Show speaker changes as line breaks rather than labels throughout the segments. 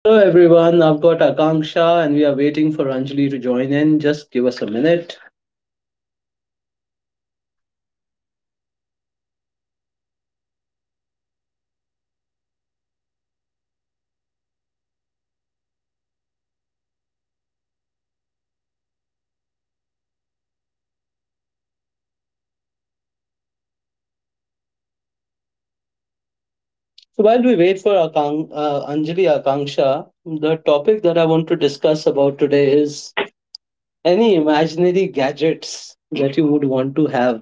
Hello everyone, I've got Akanksha and we are waiting for Anjali to join in. Just give us a minute. So while we wait for Anjali Akanksha, the topic that I want to discuss about today is any imaginary gadgets that you would want to have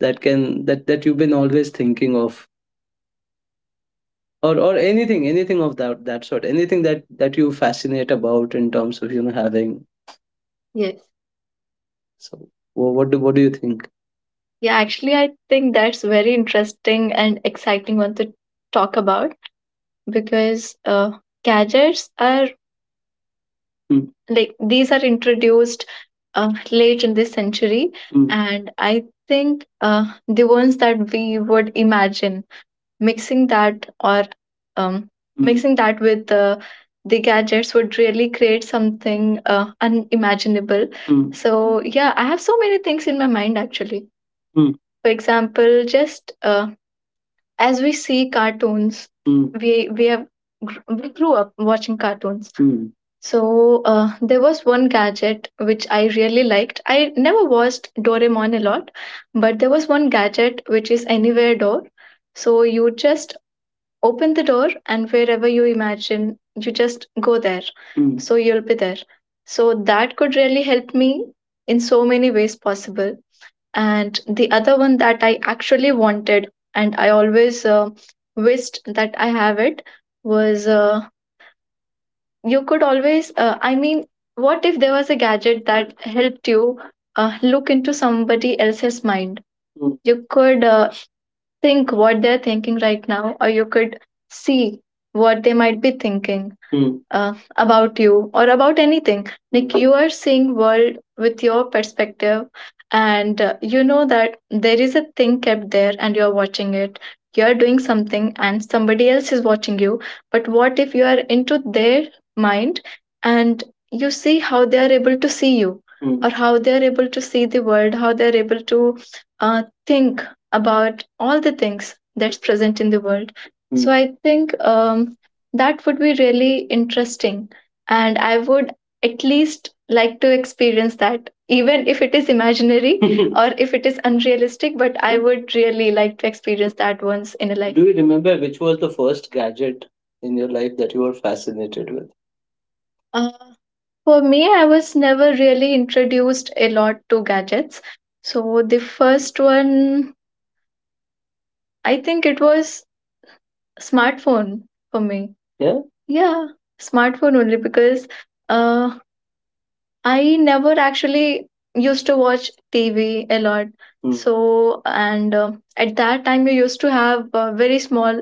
that can that that you've been always thinking of, or anything of that sort, anything that you fascinate about in terms of, having. Yes. So what do you think? Yeah, actually, I think that's very interesting and exciting one to talk about, because gadgets are like these are introduced late in this century, and I think the ones that we would imagine mixing that or um, mixing that with the gadgets would really create something unimaginable. Mm. So yeah, I have so many things in my mind actually. mm, for example, just as we see cartoons. We have we grew up watching cartoons. So there was one gadget which I really liked. I never watched Doraemon a lot, but there was one gadget which is Anywhere Door. So you just open the door and wherever you imagine you just go there. Mm. So you'll be there. So that could really help me in so many ways possible. And the other one that I actually wanted, and I always wished that I have it, was you could always, I mean, what if there was a gadget that helped you look into somebody else's mind. Mm. You could think what they're thinking right now, or you could see what they might be thinking. Hmm. About you or about anything. Like, you are seeing world with your perspective, and you know that there is a thing kept there, and you're watching it. You're doing something, and somebody else is watching you. But what if you are into their mind, and you see how they are able to see you. Hmm. Or how they are able to see the world, how they are able to uh, think about all the things that's present in the world. Mm. So I think that would be really interesting. And I would at least like to experience that, even if it is imaginary or if it is unrealistic, but I would really like to experience that once in a life. Do you remember which was the first gadget in your life that you were fascinated with? Uh, for me, I was never really introduced a lot to gadgets. So the first one, I think it was smartphone for me. Yeah. Yeah, smartphone only, because uh I never actually used to watch TV a lot. Mm. So, and at that time, we used to have very small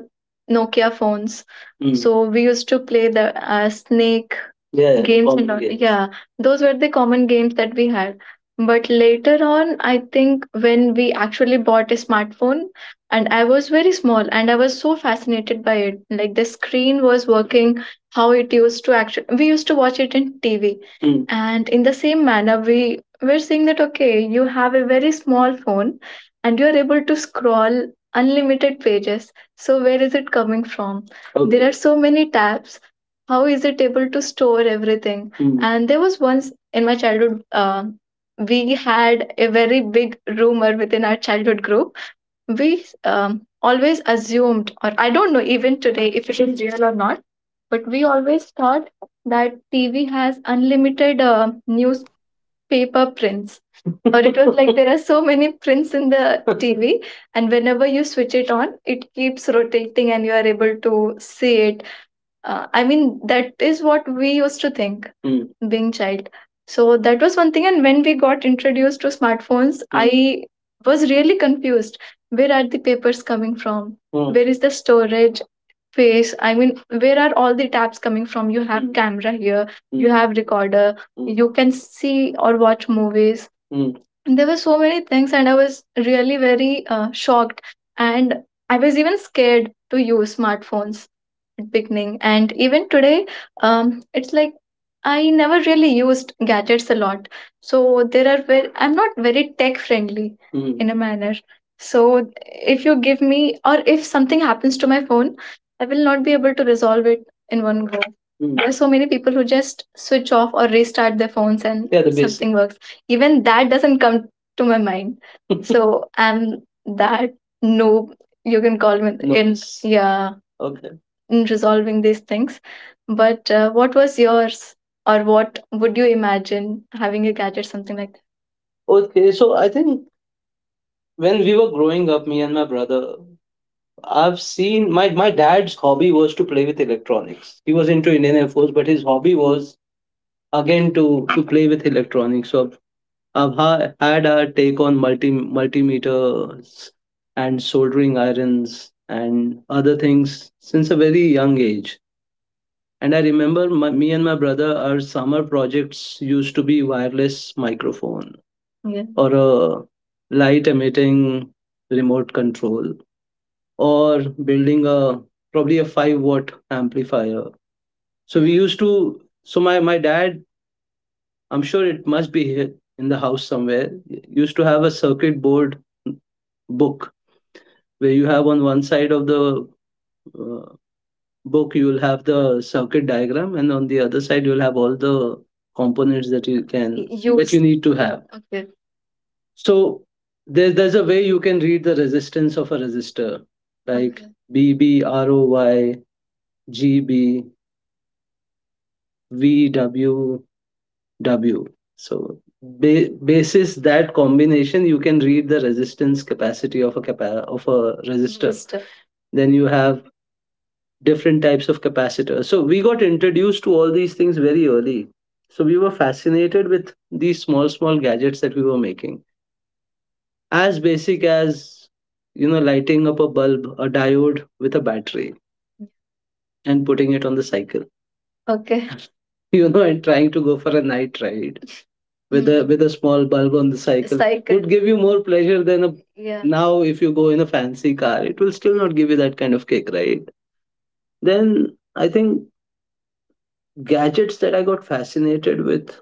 Nokia phones. Mm. So, we used to play the snake. Yeah, yeah, games and common all. Games. Yeah, those were the common games that we had. But later on, I think when we actually bought a smartphone, and I was very small and I was so fascinated by it. Like, the screen was working, how it used to actually, we used to watch it in TV. Mm. And in the same manner, we're seeing that, okay, you have a very small phone and you're able to scroll unlimited pages. So where is it coming from? Okay. There. Okay. Are so many tabs. How is it able to store everything? Mm. And there was once in my childhood, we had a very big rumor within our childhood group. We always assumed, or I don't know even today if it is real or not, but we always thought that TV has unlimited newspaper prints, or it was like there are so many prints in the TV, and whenever you switch it on it keeps rotating and you are able to see it. I mean, that is what we used to think. Hmm. Being child. So that was one thing. And when we got introduced to smartphones. Hmm. I was really confused. Where are the papers coming from? Hmm. Where is the storage space? I mean, where are all the tabs coming from? You have Hmm. camera here, mm. You Hmm. have recorder, Hmm. you can see or watch movies. Hmm. There were so many things, and I was really very shocked. And I was even scared to use smartphones at beginning. And even today it's like I never really used gadgets a lot, so there are very I'm not very tech friendly. Mm. In a manner, so if you give me, or if something happens to my phone, I will not be able to resolve it in one go. Mm. There are so many people who just switch off or restart their phones and. Yeah, the basic. Something works, even that doesn't come to my mind. So I'm that noob, you can call me. No, in it's- yeah. Okay. In resolving these things. But what was yours, or what would you imagine having a gadget, something like that? Okay, so I think when we were growing up, me and my brother, I've seen my dad's hobby was to play with electronics. He was into Indian Air Force, but his hobby was again to play with electronics. So I've had a take on multimeters and soldering irons and other things since a very young age. And I remember me and my brother, our summer projects used to be wireless microphone. Yeah. Or a light emitting remote control, or building a probably a 5-watt amplifier. So we used to, so my dad, I'm sure it must be here in the house somewhere, used to have a circuit board book where you have on one side of the uh, book you will have the circuit diagram, and on the other side you'll have all the components that you can that. Use. You need to have. Okay. So there's a way you can read the resistance of a resistor, like. Okay. Bb. So basis that combination you can read the resistance capacity of a resistor. Resistor. Then you have different types of capacitors. So we got introduced to all these things very early. So we were fascinated with these small, small gadgets that we were making. As basic as, you know, lighting up a bulb, a diode with a battery and putting it on the cycle. Okay. You know, and trying to go for a night ride with a Hmm. with a small bulb on the cycle. Cycle. Would give you more pleasure than a. Yeah. Now if you go in a fancy car it will still not give you that kind of kick, right? Then I think gadgets that I got fascinated with.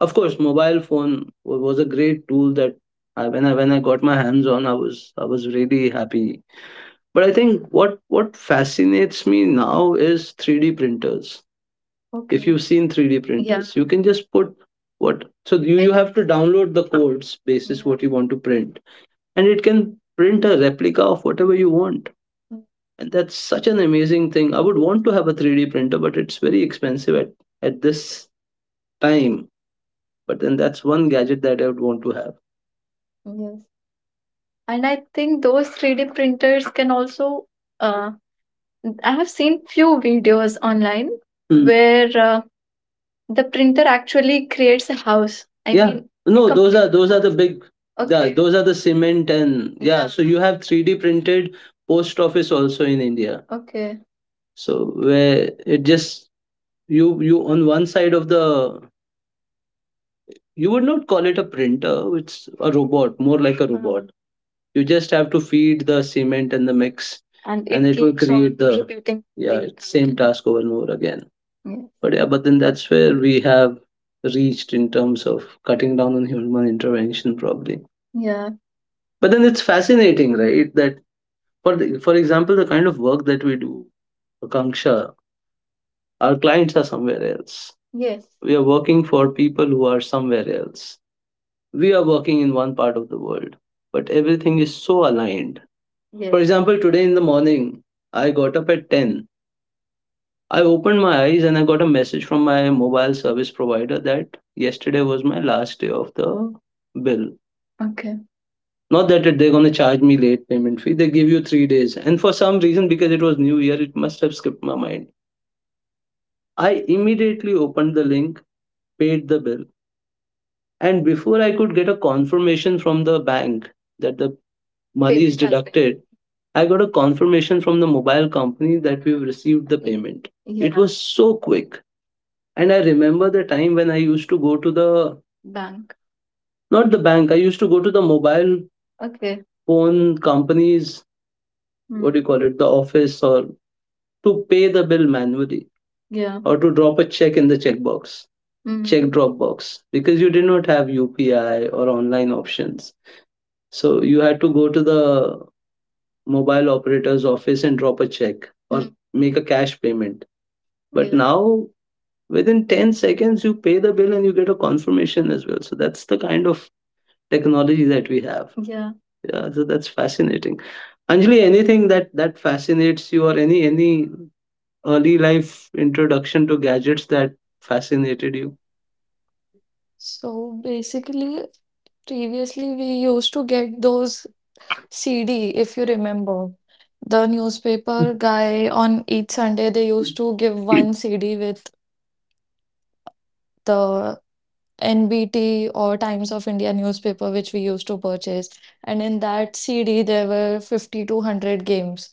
Of course, mobile phone was a great tool that I, when I when I got my hands on, I was really happy. But I think what fascinates me now is 3D printers. If Okay. you've seen 3D Yeah. printers, you can just put what, so you have to download the codes basis Yeah. what you want to print. And it can print a replica of whatever you want. Mm. And that's such an amazing thing. I would want to have a 3D printer, but it's very expensive at this time. But then that's one gadget that I would want to have. Yes. And I think those 3D printers can also, uh, I have seen few videos online. Hmm. Where the printer actually creates a house. I Yeah. mean, no, those complete are those are the house. Big. Yeah, Okay. those are the cement and yeah, Yeah. so you have 3D printed post office also in India. Okay. So where it just you you on one side of the you would not call it a printer, it's a robot, more like a Hmm. robot. You just have to feed the cement and the mix, and it will keeps on create the repeating yeah the same pattern. Task over and over again. Yeah. But yeah, but then that's where we have reached in terms of cutting down on human intervention probably. Yeah. But then it's fascinating, right? That for for example the kind of work that we do, Akanksha, our clients are somewhere else. Yes, we are working for people who are somewhere else. We are working in one part of the world, but everything is so aligned. For Yes. example, today in the morning, I got up at 10. I opened my eyes and I got a message from my mobile service provider that yesterday was my last day of the bill. Okay. Not that it- they're going to charge me late payment fee, they give you 3 days. And for some reason, because it was New Year, it must have skipped my mind. I immediately opened the link, paid the bill. And before I could get a confirmation from the bank that the money is Payment has been deducted, I got a confirmation from the mobile company that we've received the payment. Yeah, it was so quick. And I remember the time when I used to go to the bank. Not the bank, I used to go to the mobile, okay, phone companies, hmm. what do you call it, the office, or to pay the bill manually, yeah, or to drop a check in the checkbox, Hmm. check drop box, because you did not have UPI or online options. So you had to go to the mobile operator's office and drop a check, or make a cash payment. But, yeah, now, within 10 seconds, you pay the bill and you get a confirmation as well. So that's the kind of technology that we have. Yeah. Yeah, so that's fascinating. Anjali, anything that fascinates you, or any early life introduction to gadgets that fascinated you?
So basically, previously we used to get those CD, if you remember. The newspaper guy on each Sunday, they used to give one CD with the NBT or Times of India newspaper, which we used to purchase. And in that CD, there were 50 to 100 games.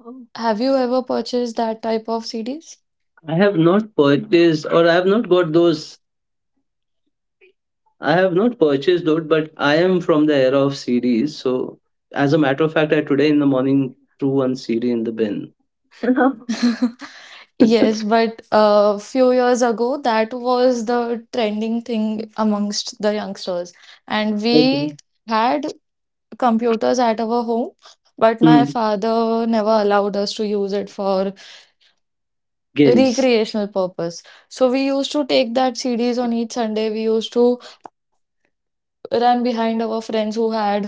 Oh.
Have you ever purchased that type of CDs?
I have not purchased, or I have not got those. I have not purchased those, but I am from the era of CDs. So, as a matter of fact, I today in the morning threw one CD in the bin.
Yes, but a few years ago, that was the trending thing amongst the youngsters. And
Okay.
we had computers at our home, but my
Hmm.
father never allowed us to use it for
Games.
recreational purpose. So we used to take that CDs on each Sunday. We used to run behind our friends who had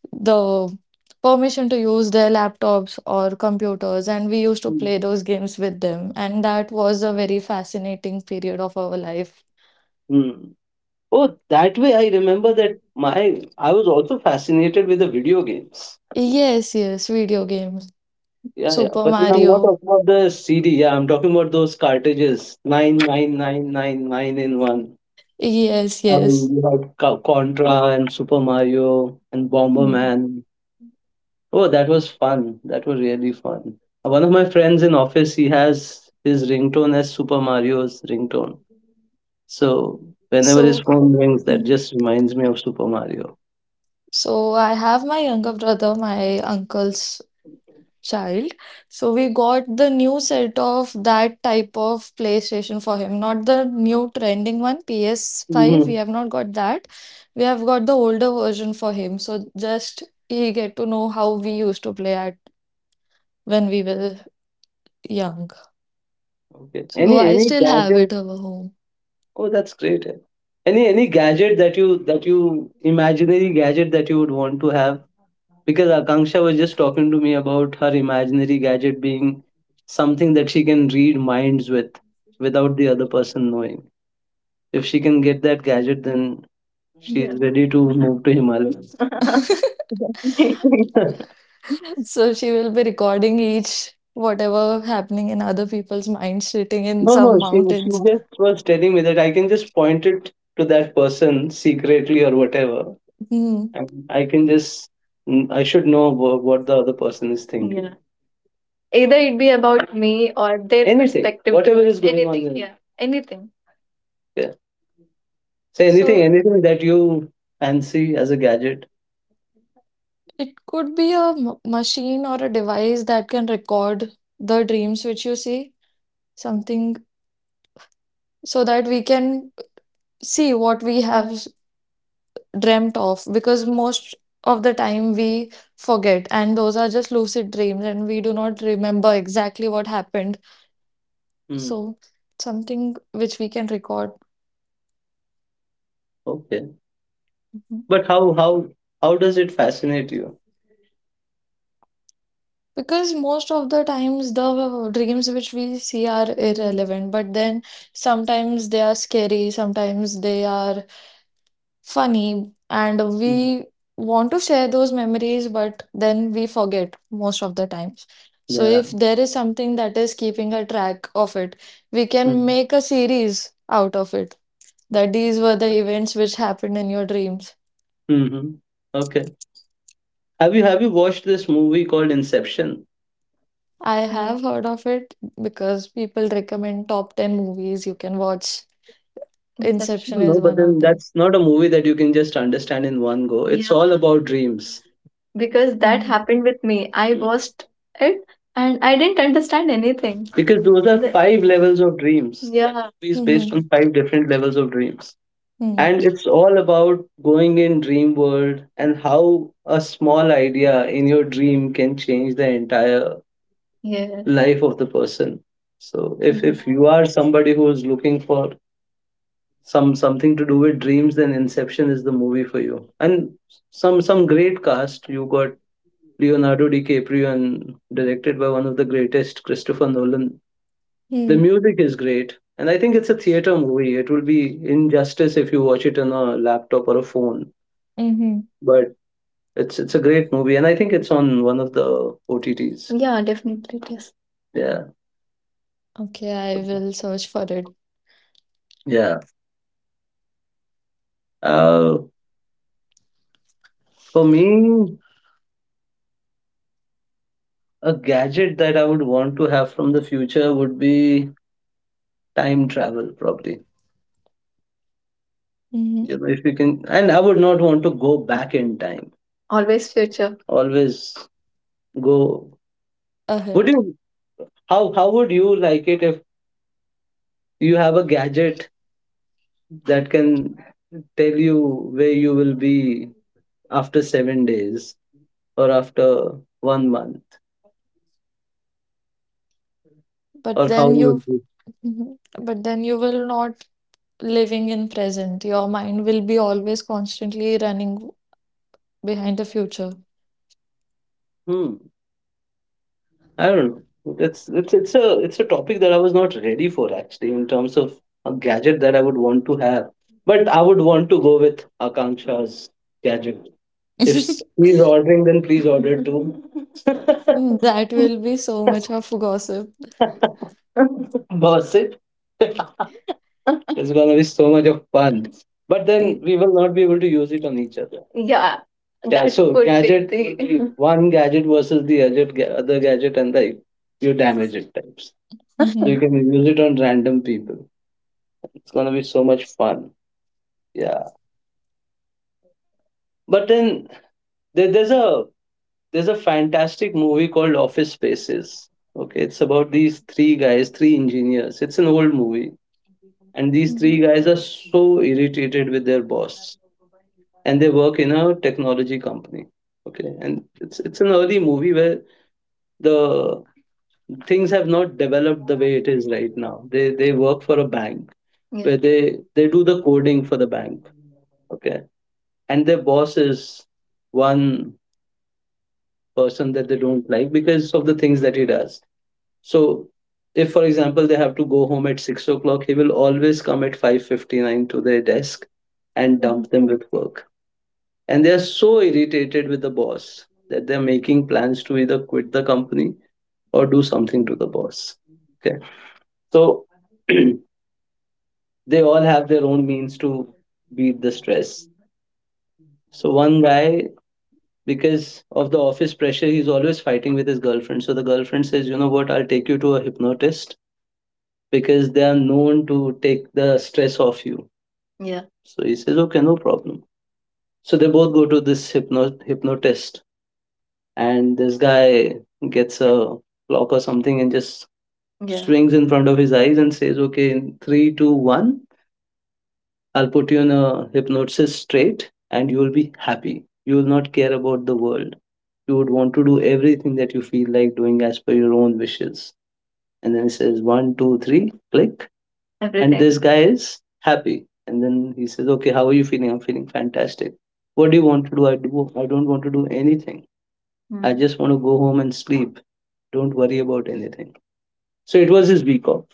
the permission to use their laptops or computers, and we used to
Hmm.
play those games with them. And that was a very fascinating period of our life.
Hmm. Oh, that way I remember that my I was also fascinated with the video games.
Yes, yes, video games.
Yeah, yeah.
Super
But then I'm not
Mario.
talking about the CD. Yeah, I'm talking about those cartridges. Nine, nine, nine, nine, nine in one.
Yes,
I
yes.
mean, you had Contra and Super Mario and
Hmm.
Bomberman. Oh, that was fun. That was really fun. One of my friends in office, he has his ringtone as Super Mario's ringtone. So whenever his
So,
phone rings, that
hmm.
just reminds me of Super Mario.
So, I have my younger brother, my uncles. Child. So we got the new set of that type of PlayStation for him, not the new trending one, PS5.
Hmm.
We have not got that. We have got the older version for him. So just he get to know how we used to play at when we were young.
Okay.
So
Any
I
any
still have
gadget?
it over home.
Oh, that's great. Eh. Any gadget that you imaginary gadget that you would want to have? Because Akanksha was just talking to me about her imaginary gadget being something that she can read minds with, without the other person knowing. If she can get that gadget, then, yeah, she's, yeah, ready to move to Himalayas.
So she will be recording each whatever happening in other people's minds sitting in
No,
some
no, she
mountains.
just was telling me that I can just point it to that person secretly or whatever.
Hmm.
And I can just, I should know what the other person is thinking. Yeah. Either it be about me or their, anything, perspective, whatever is going on. Anything. Yeah. Anything. Yeah. Say
So.
anything, anything that you fancy as a gadget.
It could be a machine or a device that can record the dreams which you see, something so that we can see what we have dreamt of, because most of the time we forget, and those are just lucid dreams, and we do not remember exactly what happened.
Hmm.
So, something which we can record.
Okay.
Mhm.
But how does it fascinate you?
Because most of the times the dreams which we see are irrelevant, but then sometimes they are scary, sometimes they are funny, and
Mm.
we want to share those memories, but then we forget most of the times. So, if
Yeah.
there is something that is keeping a track of it, we can
Mm.
make a series out of it that these were the events which happened in your dreams.
Mhm. Okay. Have you watched this movie called Inception?
I
Yeah,
have heard of it because people recommend top 10 movies you can watch.
Inception.
Inception
No,
is
but
one
then
of them.
that's not a movie that you can just understand in one go. Yeah, it's, yeah, all about dreams. Because that
Mhm.
happened with me. I watched it and I didn't understand anything. Because those are five levels of dreams. That, yeah, movie is based on
Mhm.
five different levels of dreams.
Mhm.
And it's all about going in dream world, and how a small idea in your dream can change the entire, yeah, life of the person. So if
Mhm.
if you are somebody who is looking for something to do with dreams, then Inception is the movie for you. And some great cast you got: Leonardo DiCaprio, and directed by one of the greatest, Christopher Nolan. The
Mm-hmm.
music is great, and I think it's a theater movie. It will be injustice if you watch it on a laptop or a phone.
Mm-hmm.
But it's a great movie, and I think it's on one of the OTTs. Yeah, definitely it is. Yeah,
Okay, I will search for it.
yeah. uh For me, a gadget that I would want to have from the future would be time travel, probably. You know, if you can, and I would not want to go back in time. Always future. Always go. Would
Mm-hmm.
you? How would you like it if you have a gadget that can tell you where you will be after 7 days, or after one month,
but
or how
then
you
you
will be?
Mhm. But then you will not living in present, your mind will be always constantly running behind the future.
Hmm. I don't know. That's it's a topic that I was not ready for, actually, in terms of a gadget that I would want to have. But I would want to go with Akanksha's gadget. If he's ordering, then please order it too.
That will be so much of gossip.
Boss it. It's gonna be so much of fun. But then we will not be able to use it on each other. Yeah, yeah, that so could be gadget, the. One gadget versus the other gadget, and the, you damage it types. So you
Mm-hmm.
can use it on random people. It's gonna be so much fun. Yeah. But then there, there's a there's a fantastic movie called Office Spaces. Okay, it's about these three guys, three engineers. It's an old movie, and these
Hmm.
three guys are so irritated with their boss, and they work in a technology company. Okay, and it's an early movie where the things have not developed the way it is right now. They work for a bank, yeah, where they do the coding for the bank. Okay, and their boss is one person that they don't like because of the things that he does. So if, for example, they have to go home at 6 o'clock, he will always come at 5:59 to their desk and
Hmm.
dump them with work. And they are so irritated with the boss that they're making plans to either quit the company or do something to the boss. Okay. So, they all have their own means to beat the stress. So one guy, because of the office pressure, he's always fighting with his girlfriend. So the girlfriend says, you know what, I'll take you to a hypnotist, because they are known to take the stress off you. Yeah. So he says, okay, no problem. So they both go to this hypnotist, and this guy gets a clock or something and just, yeah, swings in front of his eyes and says, okay, in three, two, one, I'll put you in a hypnosis straight, and you will be happy. You will not care about the world. You would want to do everything that you feel like doing as per your own wishes. And then he says, "One, two, three. Click. Everything." And this guy is happy. And then he says, okay, how are you feeling? I'm feeling fantastic. What do you want to do? I don't want to do anything. Hmm. I just want to go home and sleep. Don't worry about anything. So it was his week off.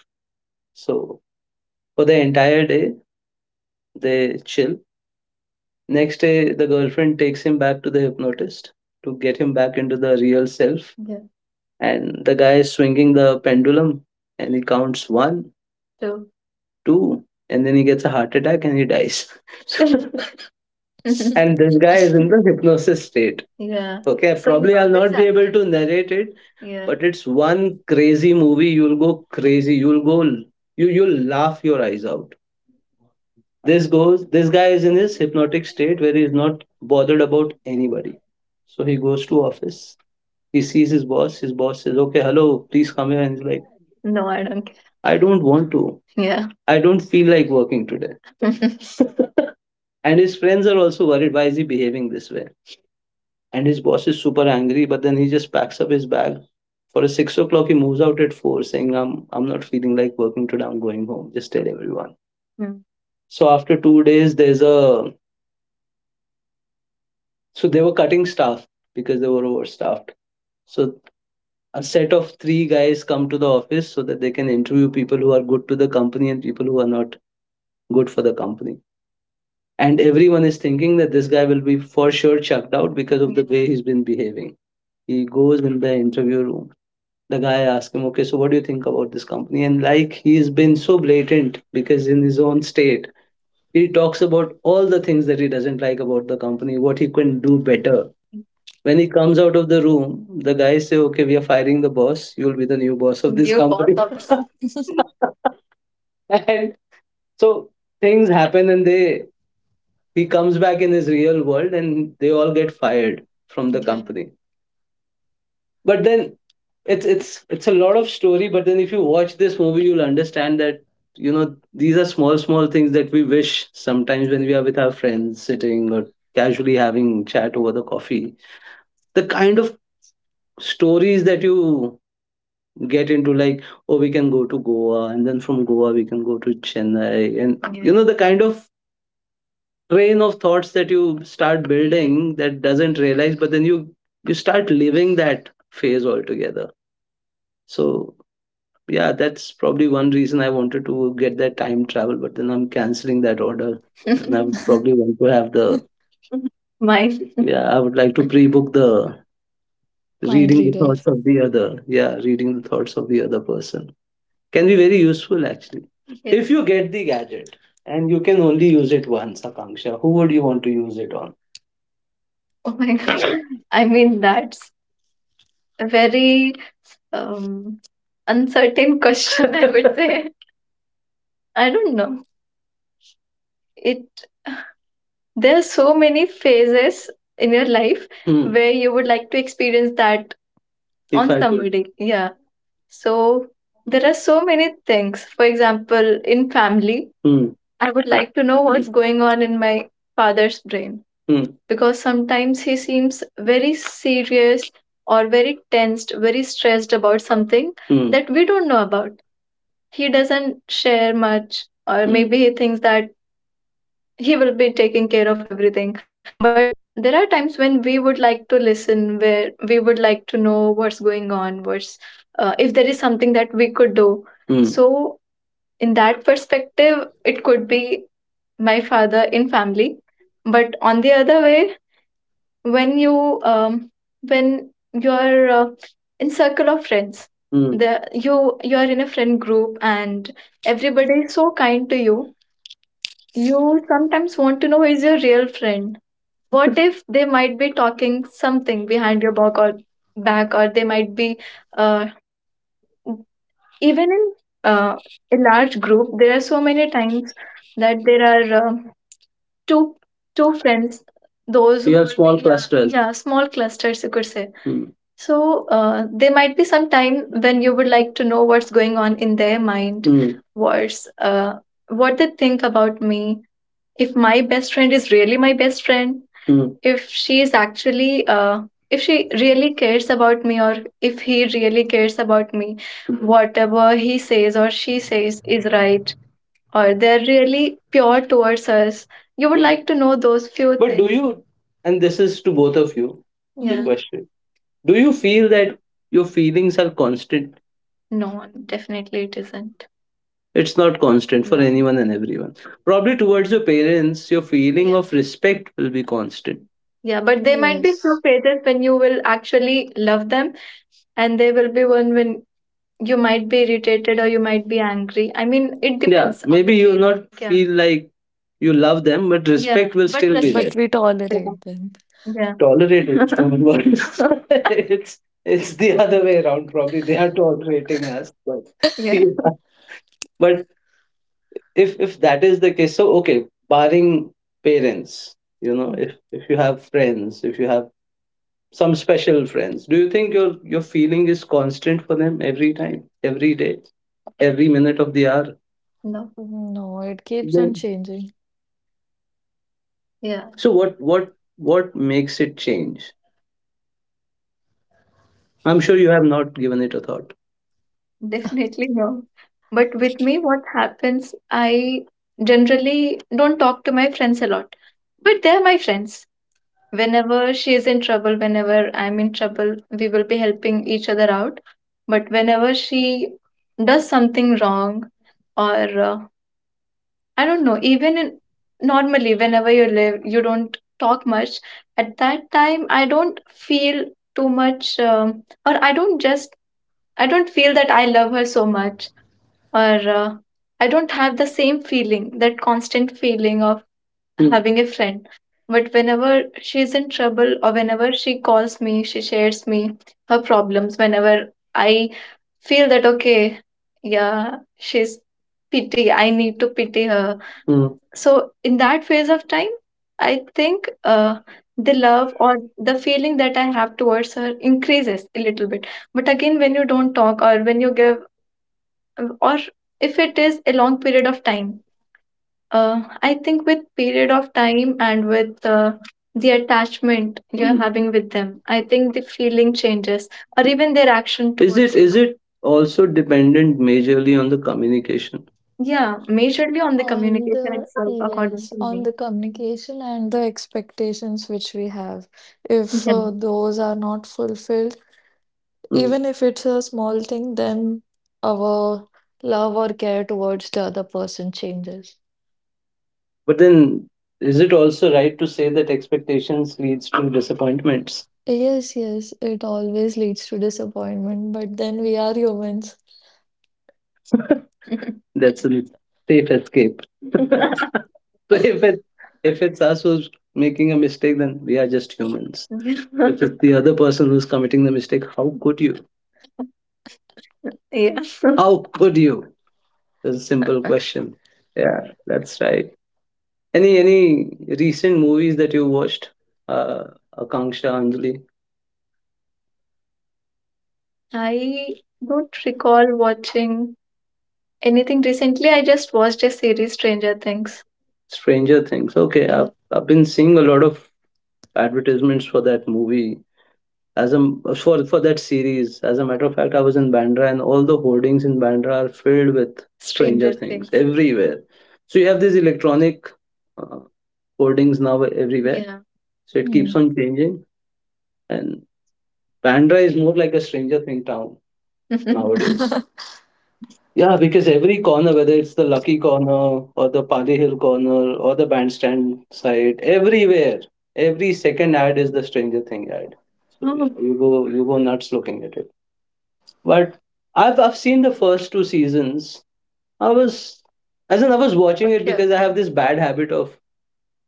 So for the entire day, they chill. Next day, the girlfriend takes him back to the hypnotist to get him back into the real self. Yeah. And the guy is swinging the pendulum, and he counts one, two, two, and then he gets a heart attack and he dies. So, and this guy is in the hypnosis state. Yeah. Okay, so probably I'll not be able, exactly, to, exactly, narrate it. Yeah, but it's one crazy movie. You'll go crazy. You'll go. You'll laugh your eyes out. This goes. This guy is in his hypnotic state where he's not bothered about anybody. So he goes to office. He sees his boss. His boss says, "Okay, hello, please come here." And he's like, no, I don't care. "I don't want to. Yeah. I don't feel like working today." And his friends are also worried. Why is he behaving this way? And his boss is super angry, but then he just packs up his bag. For a 6 o'clock, he moves out at four, saying, I'm not feeling like working today, I'm going home, just tell everyone. Mm. So after 2 days, there's a, so they were cutting staff because they were overstaffed. So a set of three guys come to the office so that they can interview people who are good to the company and people who are not good for the company. And everyone is thinking that this guy will be for sure chucked out because of the, yeah, way he's been behaving. He goes in the interview room. The guy asked him, okay, so what do you think about this company? And like he's been so blatant, because in his own state, he talks about all the things that he doesn't like about the company, what he can do better. When he comes out of the room, the guys say, okay, we are firing the boss. You'll be the new boss of this New boss company. Boss of and so things happen, he comes back in his real world and they all get fired from the, yeah, company. But then it's a lot of story, but then if you watch this movie you'll understand that these are small small things that we wish sometimes when we are with our friends sitting or casually having chat over the coffee, the kind of stories that you get into, like, oh, we can go to Goa and then from Goa we can go to Chennai, and, yeah, the kind of train of thoughts that you start building that doesn't realize, but then you start living that phase altogether. So, yeah, that's probably one reason I wanted to get that time travel, but then I'm canceling that order. And I would probably want to have the, mine. Yeah, I would like to pre book the
Mind
reading the
reader.
thoughts of the other. Yeah, reading the thoughts of the other person can be very useful, actually. Yes. If you get the gadget and you can only use it once, Akanksha, who would you want to use it on? Oh my god. I mean, that's a very um, uncertain question, I would say. I don't know. It, there are so many phases in your life. Hmm. Where you would like to experience that. If on I could. Somebody could. Yeah. So there are so many things, for example, in family. Hmm. I would like to know what's going on in my father's brain. Hmm. Because sometimes he seems very serious, or very tensed, very stressed about something, hmm, that we don't know about. He doesn't share much, or, hmm, maybe he thinks that he will be taking care of everything, but there are times when we would like to listen, where we would like to know what's going on, what's, if there is something that we could do. Hmm. So in that perspective, it could be my father in family, but on the other way, when you, um, when you're, in circle of friends. Hmm. the you you are in a friend group and everybody is so kind to you. You sometimes want to know is your real friend. What if they might be talking something behind your back, or back, or they might be, uh, even in, uh, a large group, there are so many times that there are, two two friends, those you who have will small be, yeah, clusters. Yeah, small clusters you could say. Hmm. So, there might be some time when you would like to know what's going on in their mind. Hmm. Words, uh, what they think about me, if my best friend is really my best friend. Hmm. If she is actually, if she really cares about me, or if he really cares about me, mm, whatever he says or she says is right, or they're really pure towards us. You would like to know those few, but things do you, and this is to both of you, the yeah
Hmm.
question, do you feel that your feelings are constant? No, definitely it isn't. It's not constant for, yeah, anyone and everyone. Probably towards your parents, your feeling, yeah, of respect will be constant. Yeah, but they might be
Yes,
frustrated when you will actually love them, and there will be one when you might be irritated or you might be angry. I mean, it, yeah, depends on the, maybe you will feeling, not, yeah, feel like you love them, but, yeah, respect will but still be
but
respect.
we
There.
tolerate them.
Yeah, tolerate it. Don't worry. It's the other way around. Probably they are tolerating us, but yeah, but if that is the case, so okay, barring parents, you know, if you have friends, if you have some special friends, do you think your feeling is constant for them every time, every day, every minute of the hour? No.
Mm. No, it keeps on
Then,
changing.
yeah, so what makes it change? I'm sure you have not given it a thought. Definitely no. But with me, what happens, I generally don't talk to my friends a lot, but they're my friends. Whenever she is in trouble, whenever I'm in trouble, we will be helping each other out. But whenever she does something wrong, or I don't know, even in, normally whenever you live you don't talk much, at that time I don't feel too much, or I don't just, I don't feel that I love her so much, or I don't have the same feeling, that constant feeling of, mm, having a friend. But whenever she's in trouble or whenever she calls me, she shares me her problems. Whenever I feel that, okay, yeah, she's pity, I need to pity her. Mm. So in that phase of time, I think, the love or the feeling that I have towards her increases a little bit. But again, when you don't talk or when you give, or if it is a long period of time, I think with period of time and with, the attachment you're, hmm, having with them, I think the feeling changes, or even their action towards. Is it towards you. Is it also dependent majorly on the communication? Yeah, majorly on the
On
communication
the,
itself, according
yes,
to
on
me.
the communication and the expectations which we have. If
Yeah.
those are not fulfilled,
Mm.
even if it's a small thing, then our love or care towards the other person changes.
But then, is it also right to say that expectations leads to disappointments?
Yes, yes, it always leads to disappointment, but then we are humans.
That's a safe escape. So if it, if it's us who's making a mistake, then we are just humans. If it's the other person who's committing the mistake, how could you? Yeah. How could you? That's a simple question. Yeah, that's right. Any recent movies that you watched? Uh, Akanksha, Anjali. I don't recall watching anything recently. I just watched a series, Stranger Things. Stranger Things. Okay, yeah. I've been seeing a lot of advertisements for that movie. As a for that series, as a matter of fact, I was in Bandra, and all the hoardings in Bandra are filled with Stranger Things. Everywhere. So you have these electronic, uh, hoardings now everywhere. Yeah. So it keeps
Hmm.
on changing, and Bandra is more like a Stranger Thing town mhm, nowadays. Yeah, because every corner, whether it's the Lucky Corner or the Pali Hill Corner or the bandstand side, everywhere, every second ad is the Stranger Thing ad. So oh, you go nuts looking at it. But I've seen the first two seasons. I was as in I was watching it. Yeah. Because I have this bad habit of,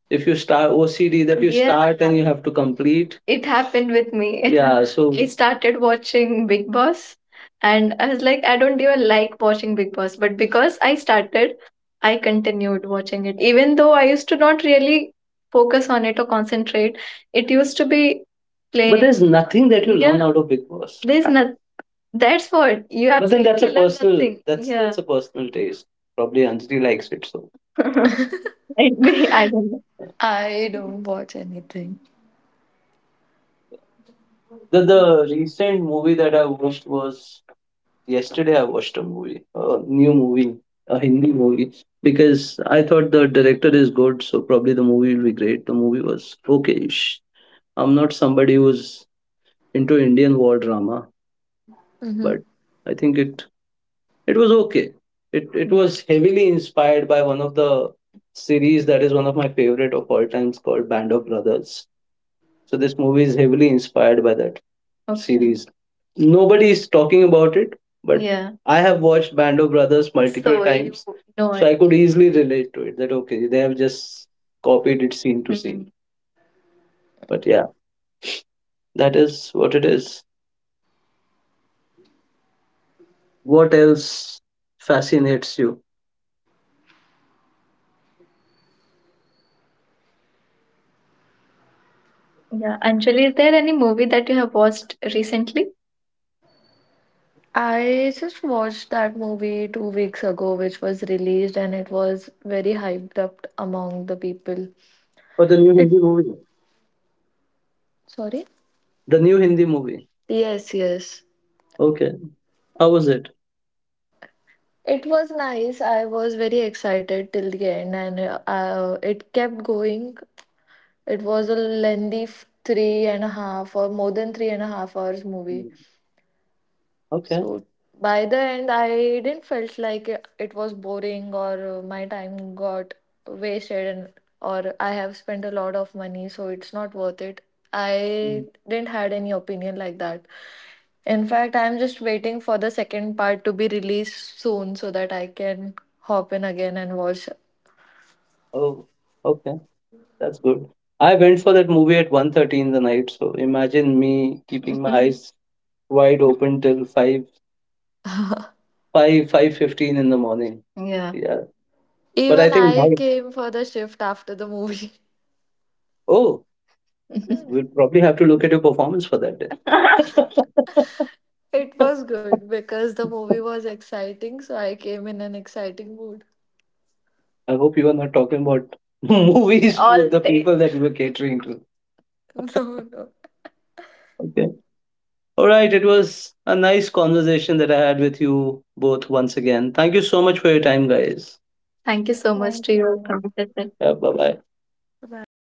if you start OCD that you, yeah, start and you have to complete. It happened with me. Yeah, so I started watching Big Boss, and I was like, I don't even like watching Big Boss, but because I started, I continued watching it. Even though I used to not really focus on it or concentrate, it used to be playing. But playing. There's nothing that you learn, yeah, out of Big Boss. There's I- that's what you have, but to then, that's absolutely a love personal thing. That's, yeah, that's a personal taste. Probably Anjali likes it. So, might be. I don't know.
I don't watch anything.
The recent movie that I watched was yesterday. I watched a movie, a new movie, a Hindi movie. Because I thought the director is good, so probably the movie will be great. The movie was okayish. I'm not somebody who's into Indian war drama, but
Mhm.
I think it, it was okay. It was heavily inspired by one of the series that is one of my favorite of all times, called Band of Brothers. So this movie is heavily inspired by that. Okay. Series. Nobody is talking about it, but, yeah, I have watched Band of Brothers multiple, so you times, know so it I could easily relate to it. That okay, they have just copied it scene to scene. Mhm. But yeah, that is what it is. What else fascinates you? Yeah. Anjali, is there any movie that you have watched recently?
I just watched that movie 2 weeks ago, which was released and it was very hyped up among the people.
Oh, the new
It—
Hindi movie.
sorry?
The new Hindi movie.
Yes, yes.
Okay. How was it?
It was nice. I was very excited till the end, and it kept going. It was a lengthy 3.5 or more than 3.5 hours movie.
Mm. Okay.
So by the end, I didn't felt like it was boring or my time got wasted and or I have spent a lot of money, so it's not worth it. I
Mm.
didn't had any opinion like that. In fact, I'm just waiting for the second part to be released soon so that I can hop in again and watch.
Oh, okay. That's good. I went for that movie at 1:30 in the night. So imagine me keeping my eyes wide open till 5:15 in the morning. Yeah. Yeah. But I
Even
think,
I
now-
came for the shift after the movie.
oh, we'll probably have to look at your performance for that day.
It was good because the movie was exciting, so I came in an exciting mood.
I hope you are not talking about movies to all the day people that you were catering to.
No, no.
Okay. All right, it was a nice conversation that I had with you both once again. Thank you so much for your time, guys. Thank you so much to
Thank
you,
you.
Professor. Yeah, bye bye.
Bye bye.